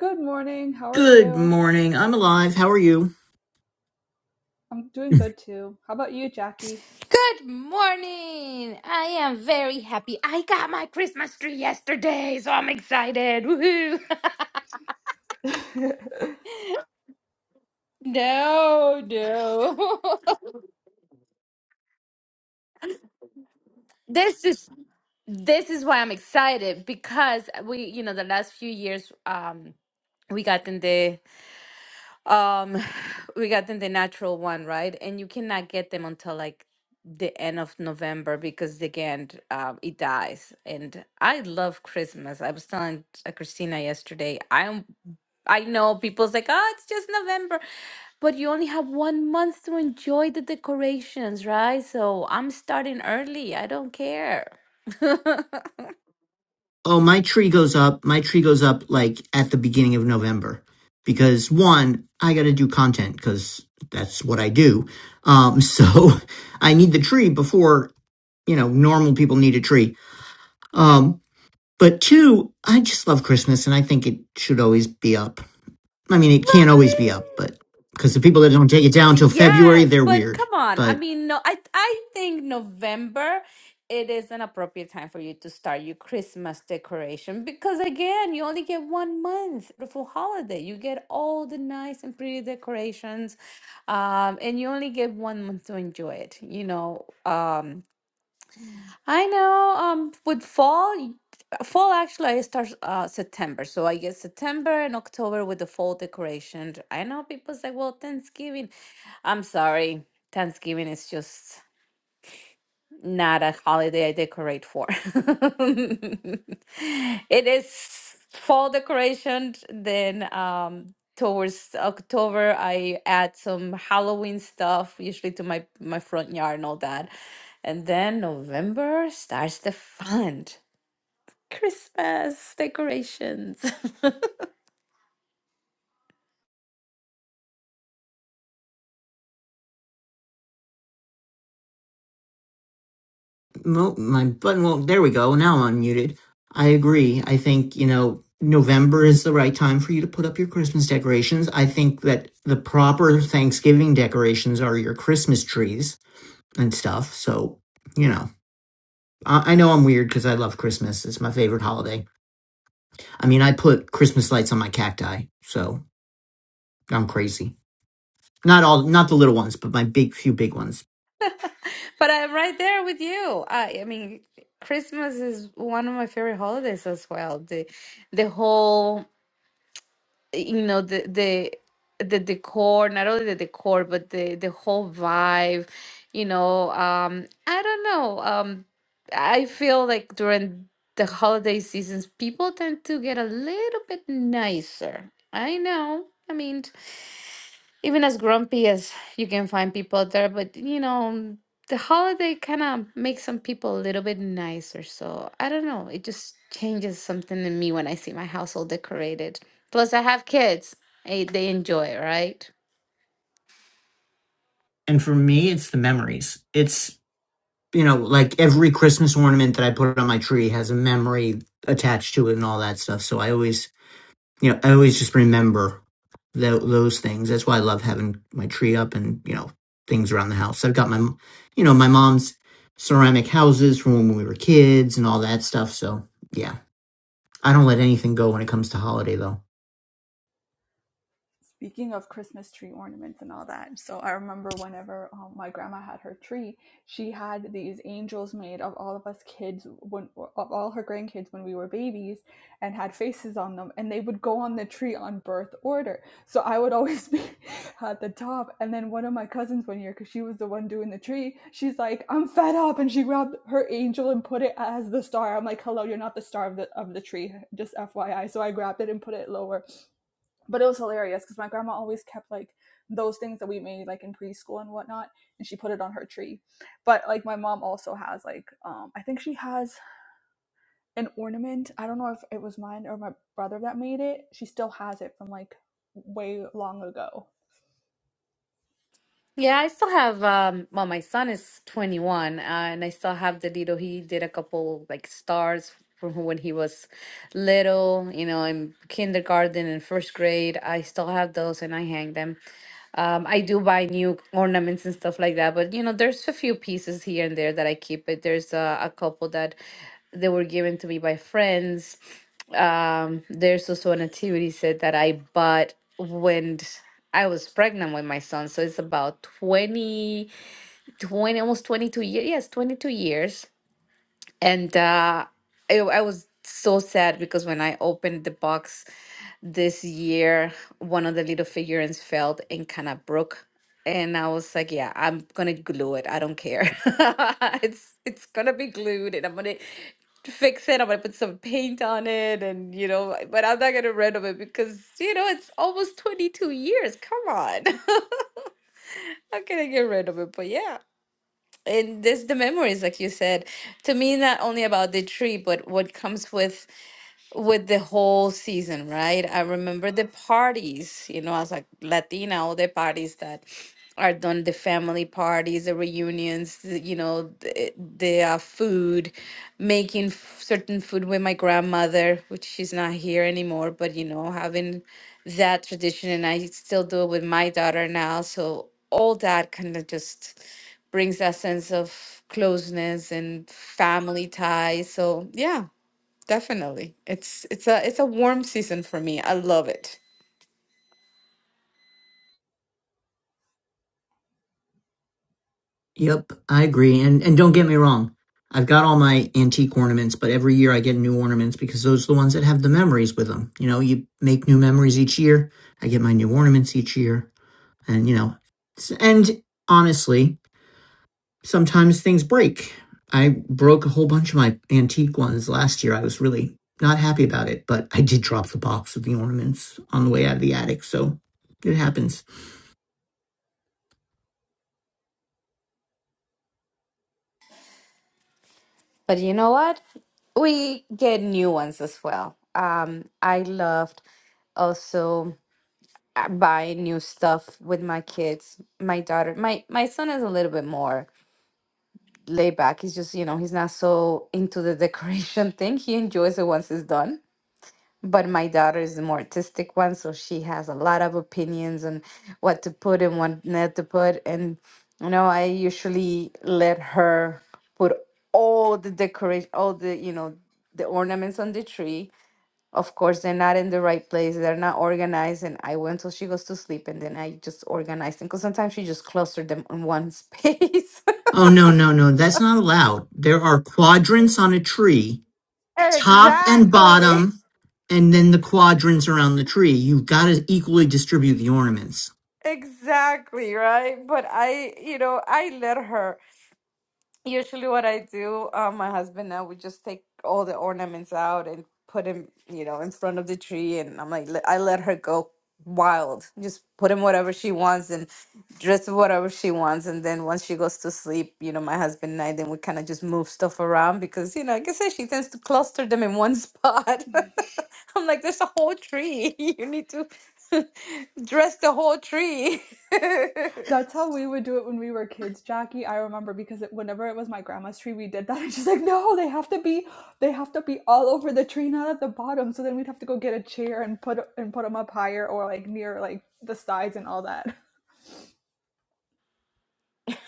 Good morning. How are Good you? morning. I'm alive. How are you? I'm doing good too. How about you, Jackie? Good morning! I am very happy. I got my Christmas tree yesterday, so I'm excited. Woohoo! No, no. this is this is why I'm excited because we, you know, the last few years um we got in the Um, we got them the natural one, right? And you cannot get them until like the end of November because again, um, it dies. And I love Christmas. I was telling uh, Christina yesterday, I am I know people's like, oh, it's just November, but you only have one month to enjoy the decorations, right? So I'm starting early. I don't care. Oh, my tree goes up. My tree goes up like at the beginning of November because one, I got to do content because that's what I do. Um, so I need the tree before, you know, normal people need a tree. Um, but two, I just love Christmas and I think it should always be up. I mean, it can't always be up, Right? but because the people that don't take it down till February, Yes, they're but weird. come on. But. I mean, no, I I think November it is an appropriate time for you to start your Christmas decoration because again, you only get one month for holiday. You get all the nice and pretty decorations, um, and you only get one month to enjoy it. You know, um, I know. Um, with fall, y- fall actually I start uh September, so I guess September and October with the fall decorations. I know people say, "Well, Thanksgiving." I'm sorry, Thanksgiving is just not a holiday I decorate for. It is fall decoration. Then um, towards October, I add some Halloween stuff, usually to my my front yard and all that. And then November starts the fun. Christmas decorations. Mo- my button won't. There we go. Now I'm unmuted. I agree. I think you know November is the right time for you to put up your Christmas decorations. I think that the proper Thanksgiving decorations are your Christmas trees and stuff. So you know, I, I know I'm weird because I love Christmas. It's my favorite holiday. I mean, I put Christmas lights on my cacti, so I'm crazy. Not all, not the little ones, but my big few big ones. But I'm right there with you. I, I mean, Christmas is one of my favorite holidays as well. The the whole you know the the the decor not only the decor but the the whole vibe you know um i don't know um i feel like during the holiday seasons people tend to get a little bit nicer i know i mean even as grumpy as you can find people out there, but you know, the holiday kind of makes some people a little bit nicer. So I don't know. It just changes something in me when I see my household decorated. Plus, I have kids. Hey, they enjoy it, right? And for me, it's the memories. It's you know, like every Christmas ornament that I put on my tree has a memory attached to it and all that stuff. So I always, you know, I always just remember tho- those things. That's why I love having my tree up and, you know, things around the house. I've got my, you know, my mom's ceramic houses from when we were kids and all that stuff. So yeah, I don't let anything go when it comes to holiday though. Speaking of Christmas tree ornaments and all that, so I remember whenever um, my grandma had her tree, she had these angels made of all of us kids, when, of all her grandkids when we were babies, and had faces on them, and they would go on the tree on birth order. So I would always be at the top, and then one of my cousins one year, because she was the one doing the tree, she's like, "I'm fed up," and she grabbed her angel and put it as the star. I'm like, "Hello, you're not the star of the of the tree, just FYI." So I grabbed it and put it lower but it was hilarious because my grandma always kept like those things that we made like in preschool and whatnot and she put it on her tree but like my mom also has like um i think she has an ornament i don't know if it was mine or my brother that made it she still has it from like way long ago Yeah, I still have um well my son is 21 uh, and I still have the little he did a couple like stars from when he was little, you know, in kindergarten and first grade. I still have those and I hang them. Um, I do buy new ornaments and stuff like that, but you know, there's a few pieces here and there that I keep. But there's a, a couple that they were given to me by friends. Um, there's also an activity set that I bought when I was pregnant with my son. So it's about 20, 20 almost 22 years. Yes, 22 years. And uh, I, I was so sad because when I opened the box, this year one of the little figurines fell and kind of broke and i was like yeah i'm gonna glue it i don't care it's it's gonna be glued and i'm gonna fix it i'm gonna put some paint on it and you know but i'm not gonna rid of it because you know it's almost 22 years come on how can i get rid of it but yeah and there's the memories like you said to me not only about the tree but what comes with with the whole season, right? I remember the parties, you know, as a Latina, all the parties that are done, the family parties, the reunions, the, you know, the, the uh, food, making f- certain food with my grandmother, which she's not here anymore, but, you know, having that tradition. And I still do it with my daughter now. So all that kind of just brings that sense of closeness and family ties. So, yeah Definitely. It's it's a it's a warm season for me. I love it. Yep, I agree. And and don't get me wrong. I've got all my antique ornaments, but every year I get new ornaments because those are the ones that have the memories with them. You know, you make new memories each year. I get my new ornaments each year. And you know, s- and honestly, sometimes things break. I broke a whole bunch of my antique ones last year. I was really not happy about it, but I did drop the box with the ornaments on the way out of the attic, so it happens. But you know what? We get new ones as well. Um, I loved also uh, buying new stuff with my kids. My daughter, my my son is a little bit more laid back. He's just, you know, he's not so into the decoration thing. He enjoys it once it's done. but my daughter is the more artistic one, so she has a lot of opinions on what to put and what not to put. And you know, I usually let her put all the decoration, all the you know, the ornaments on the tree. Of course, they're not in the right place. They're not organized, and I wait until she goes to sleep, and then I just organize them. Because sometimes she just clustered them in one space. Oh no, no, no, that's not allowed. There are quadrants on a tree top and exactly, bottom, and then the quadrants around the tree. You've got to equally distribute the ornaments. exactly right. But I, you know, I let her. Usually, what I do, uh, my husband and I, we just take all the ornaments out and put them, you know, in front of the tree. And I'm like, let- I let her go wild. Just put in whatever she wants and dress whatever she wants. And then once she goes to sleep, you know, my husband and I, then we kind of just move stuff around because, you know, like I said, she tends to cluster them in one spot. I'm like, there's a whole tree. You need to dress the whole tree. That's how we would do it when we were kids, Jackie. I remember because it, whenever it was my grandma's tree, we did that. And she's like, "No, they have to be, they have to be all over the tree, not at the bottom." So then we'd have to go get a chair and put and put them up higher or like near like the sides and all that.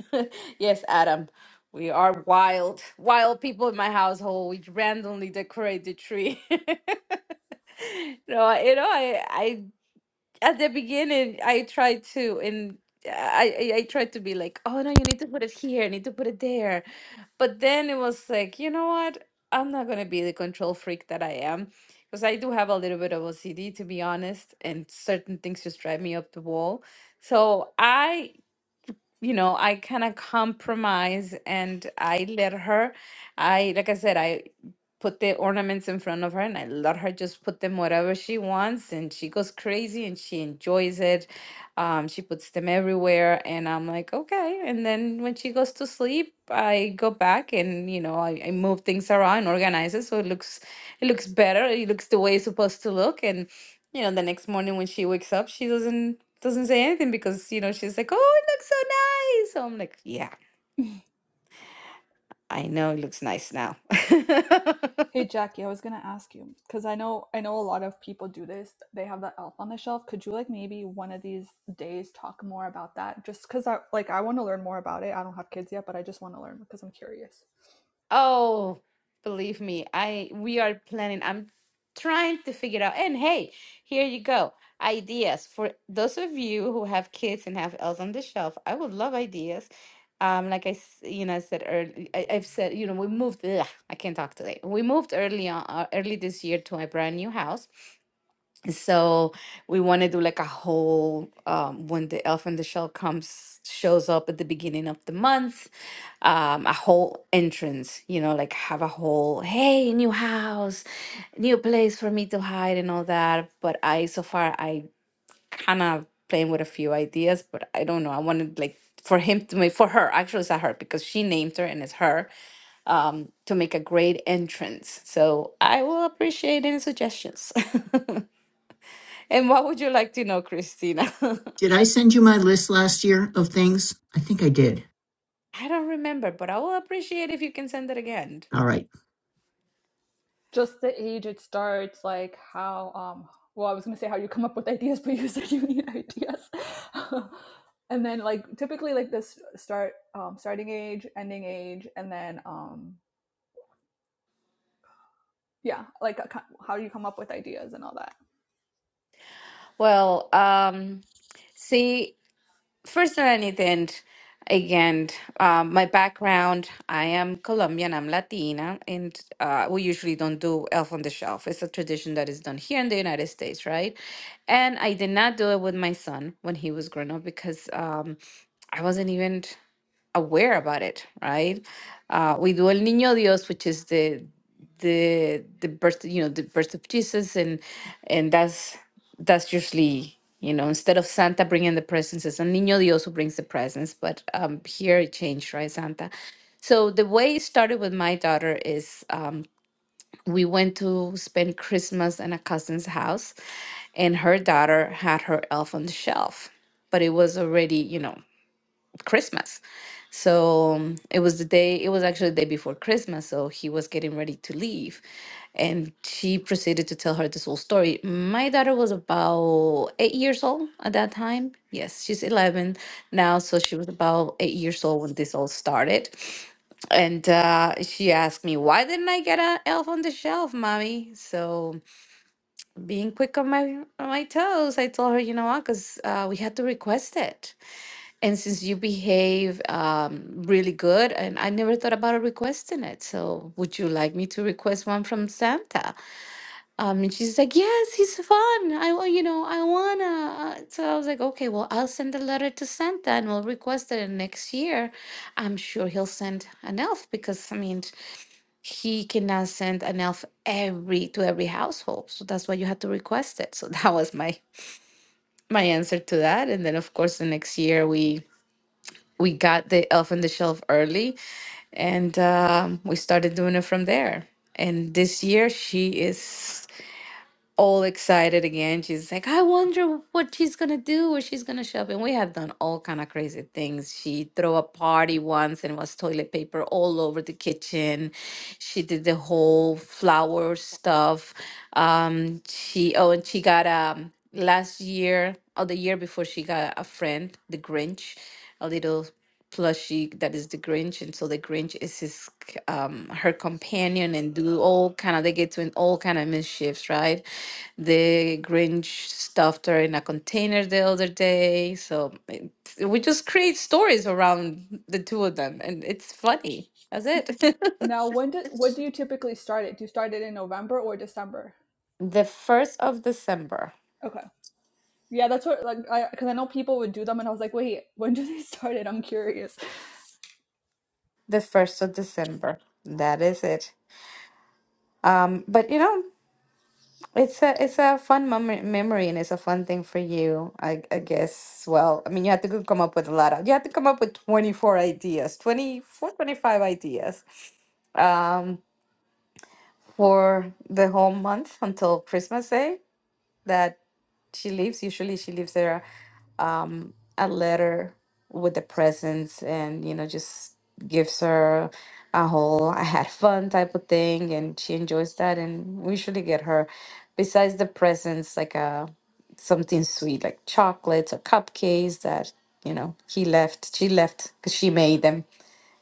Yes, Adam. We are wild, wild people in my household. We randomly decorate the tree. No, I- you know, I, I at the beginning I tried to and I, I I tried to be like, oh no, you need to put it here, you need to put it there. But then it was like, you know what? I'm not gonna be the control freak that I am. Because I do have a little bit of OCD to be honest, and certain things just drive me up the wall. So I you know, I kind of compromise and I let her, I, like I said, I put the ornaments in front of her and I let her just put them wherever she wants and she goes crazy and she enjoys it. Um, she puts them everywhere and I'm like, okay. And then when she goes to sleep, I go back and, you know, I, I move things around, organize it so it looks, it looks better. It looks the way it's supposed to look. And, you know, the next morning when she wakes up, she doesn't doesn't say anything because you know she's like, "Oh, it looks so nice. So I'm like, yeah, I know it looks nice now. Hey, Jackie, I was gonna ask you because I know I know a lot of people do this. They have that elf on the shelf. Could you like maybe one of these days talk more about that? Just because I like I want to learn more about it. I don't have kids yet, but I just want to learn because I'm curious. Oh, believe me, I we are planning. I'm trying to figure out. And hey, here you go. Ideas for those of you who have kids and have elves on the shelf. I would love ideas. Um, like I, s- you know, I said early, I, I've said, you know, we moved. Ugh, I can't talk today. We moved early on, uh, early this year to a brand new house. So we want to do like a whole um, when the Elf in the Shell comes shows up at the beginning of the month, um, a whole entrance. You know, like have a whole hey new house, new place for me to hide and all that. But I so far I kind of playing with a few ideas, but I don't know. I wanted like for him to make for her actually it's not her because she named her and it's her um to make a great entrance so i will appreciate any suggestions And what would you like to know, Christina? Did I send you my list last year of things? I think I did. I don't remember, but I will appreciate if you can send it again. All right. just the age it starts like how um well i was going to say how you come up with ideas but you said you need ideas and then like typically like this start um starting age ending age and then um yeah like a co- how you come up with ideas and all that Well, um, see, first than anything, again, um, my background, I am Colombian, I'm Latina, and uh, we usually don't do Elf on the Shelf. It's a tradition that is done here in the United States, right? And I did not do it with my son when he was growing up because um, I wasn't even. aware about it, right? Uh, we do El Niño Dios, which is the the the birth, you know, the birth of Jesus, and and that's that's usually you know instead of Santa bringing the presents, it's El Niño Dios who brings the presents. But um, here it changed, right, Santa. So the way it started with my daughter is um, we went to spend Christmas in a cousin's house, and her daughter had her Elf on the Shelf, but it was already you know Christmas. So um, it was the day, it was actually the day before Christmas. So he was getting ready to leave. And she proceeded to tell her this whole story. My daughter was about eight years old at that time. Yes, she's 11 now. So she was about eight years old when this all started. And uh, she asked me, why didn't I get an elf on the shelf, mommy? So being quick on my on my toes, I told her, you know what, because uh, we had to request it and since you behave um, really good, and I never thought about requesting it. So, would you like me to request one from Santa? Um, and she's like, Yes, he's fun. I, wa- you know, I wanna. Uh, So I was like, Okay, well, I'll send a letter to Santa and we'll request it. And next year, I'm sure he'll send an elf because, I mean, he cannot send an elf every to every household. So that's why you have to request it. So that was my my answer to that. And then, of course, the next year we we got the elf on the shelf early and um, we started doing it from there and this year she is all excited again she's like i wonder what she's gonna do where she's gonna shop and we have done all kind of crazy things she threw a party once and was toilet paper all over the kitchen she did the whole flower stuff um she oh and she got um last year or the year before she got a friend the grinch a little plushie that is the Grinch, and so the Grinch is his c- um her companion and do all kind of they get to in all kind of mischiefs, right? The Grinch stuffed her in a container the other day, so it, we just create stories around the two of them, and it's funny. That's it. now when did what do you typically start it do you start it in november or december the first of December, okay yeah that's what like i because i know people would do them and i was like wait when do they start it i'm curious the first of December. That is it. Um, but you know. It's a it's a fun mem memory and it's a fun thing for you, I I guess. Well, I mean, you have to go come up with a lot of you have to come up with 24 ideas, 24, 25 ideas um for the whole month until Christmas Day that she leaves. Usually she leaves there a letter with the presents and you know just gives her a whole I had fun type of thing and she enjoys that and we usually get her besides the presents like a something sweet like chocolates or cupcakes that you know he left she left because she made them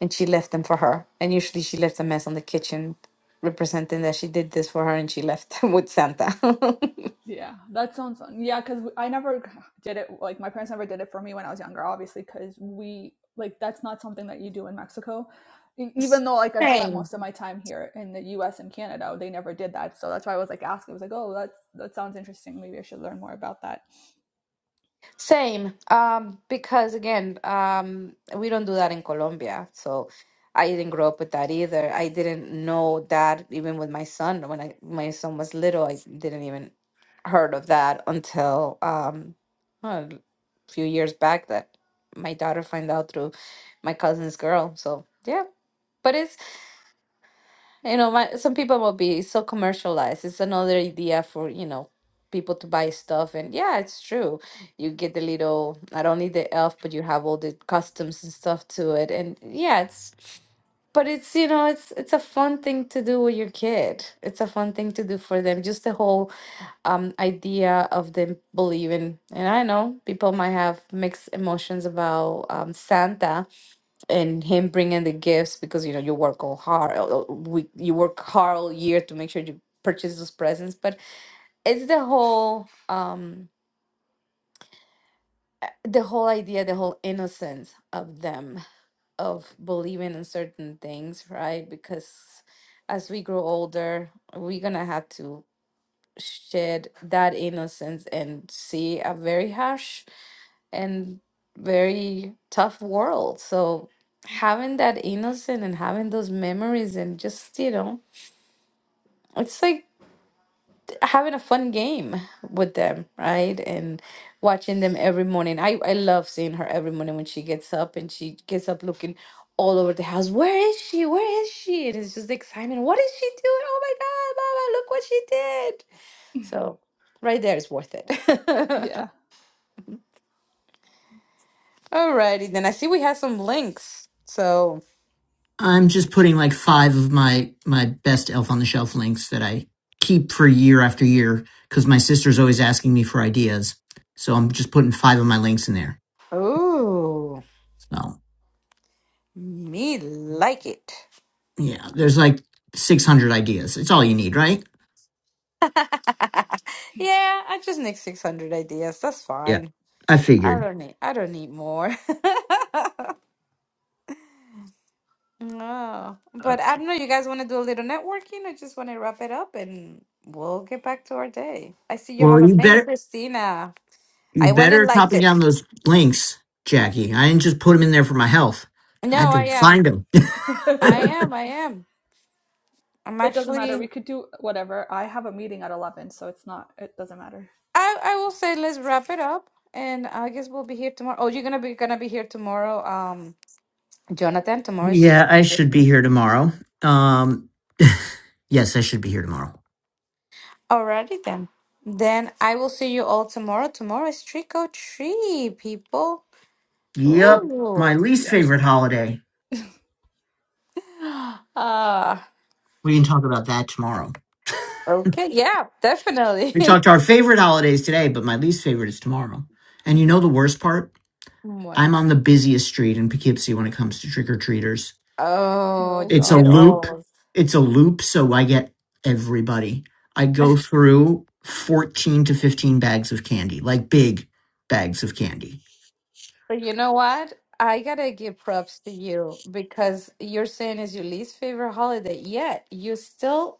and she left them for her and usually she left a mess on the kitchen representing that she did this for her and she left with Santa. Yeah, that sounds fun. Yeah, because I never did it. Like my parents never did it for me when I was younger, obviously, because we like that's not something that you do in Mexico. E- Even though like I've spent Same. most of my time here in the U.S. and Canada, they never did that. So that's why I was like asking. I was like, oh, that's that sounds interesting. Maybe I should learn more about that. Same, um, because again, um, we don't do that in Colombia. So I didn't grow up with that either. I didn't know that even with my son. When I, my son was little, I didn't even heard of that until um, well, a few years back that my daughter found out through my cousin's girl. So yeah, but it's you know, my, some people will be so commercialized. It's another idea for, you know, people to buy stuff. And yeah, it's true. You get the little, not only the elf, but you have all the customs and stuff to it. And yeah, it's, but it's, you know, it's it's a fun thing to do with your kid. It's a fun thing to do for them. Just the whole um idea of them believing. And I know people might have mixed emotions about um Santa and him bringing the gifts because you know you work all hard all- all week you work hard all year to make sure you purchase those presents but it's the whole um the whole idea the whole innocence of them of believing in certain things right because as we grow older we're gonna have to shed that innocence and see a very harsh and very tough world. So having that innocent and having those memories and just, you know, it's like having a fun game with them, right? And watching them every morning. I, I love seeing her every morning when she gets up and she gets up looking all over the house. Where is she? Where is she? And it's just excitement. What is she doing? Oh my God, Mama, look what she did. So right there is worth it. Yeah, Alrighty, then I see we have some links. So I'm just putting like five of my my best Elf on the Shelf links that I keep for year after year because my sister's always asking me for ideas. So I'm just putting five of my links in there. Ooh, So me like it. yeah, there's like 600 ideas. It's all you need, right? Yeah, I just need 600 ideas. That's Yeah. fine. I I figured. don't need I don't need more. No. Uh, But I don't know, you guys want to do a little networking? I just want to wrap it up and we'll get back to our day. I see you Well, have a you link, better Christina. You I went and better liked copy it. down those links, Jackie. I didn't just put them in there for my health. I No, had I to am. find them. I it am. I am. I'm doesn't matter. We actually could do whatever. I have a meeting at eleven, so it's not. It doesn't matter. I I will say let's wrap it up and I guess we'll be here tomorrow. Oh, you're gonna be gonna be here tomorrow. um, Jonathan, tomorrow's yeah, I should be here tomorrow. Um, yes, I should be here tomorrow. already then. Then I will see you all tomorrow. Tomorrow is trick or treat, people. Yep, my Ooh. least Yes. favorite holiday. Uh, We can talk about that tomorrow. okay. Yeah, definitely. We talked our favorite holidays today, but my least favorite is tomorrow. And you know the worst part? What? I'm on the busiest street in Poughkeepsie when it comes to trick or treaters. Oh, Oh you It's a get God. loop. old. It's a loop. So I get everybody. I go through 14 to 15 bags of candy, like big bags of candy. But you know what? I gotta give props to you because you're saying it's your least favorite holiday, yet you still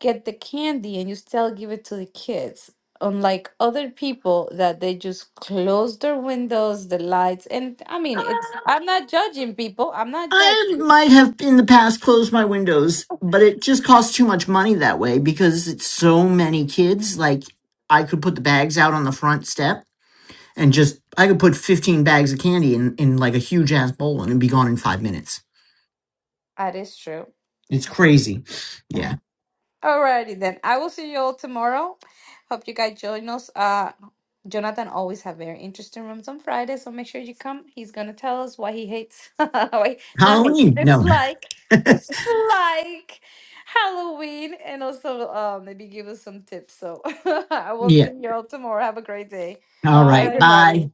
get the candy and you still give it to the kids. Unlike other people that they just close their windows, the lights, and I mean, it's, I'm not judging people. I'm not I judging. might have in the past closed my windows, but it just costs too much money that way because it's so many kids. Like I could put the bags out on the front step and just I could put 15 bags of candy in, in like a huge ass bowl and it'd be gone in five minutes. That is true. It's crazy. Yeah. Alrighty then. I will see you all tomorrow. Hope you guys join us. Uh, Jonathan always have very interesting rooms on Friday, so make sure you come. He's gonna tell us what he hates. Wait, not hates. Halloween. No. Dislike, dislike Halloween, and also uh, maybe give us some tips. So I will yeah. see you all tomorrow. Have a great day. All Bye, right. Bye. Bye. everybody.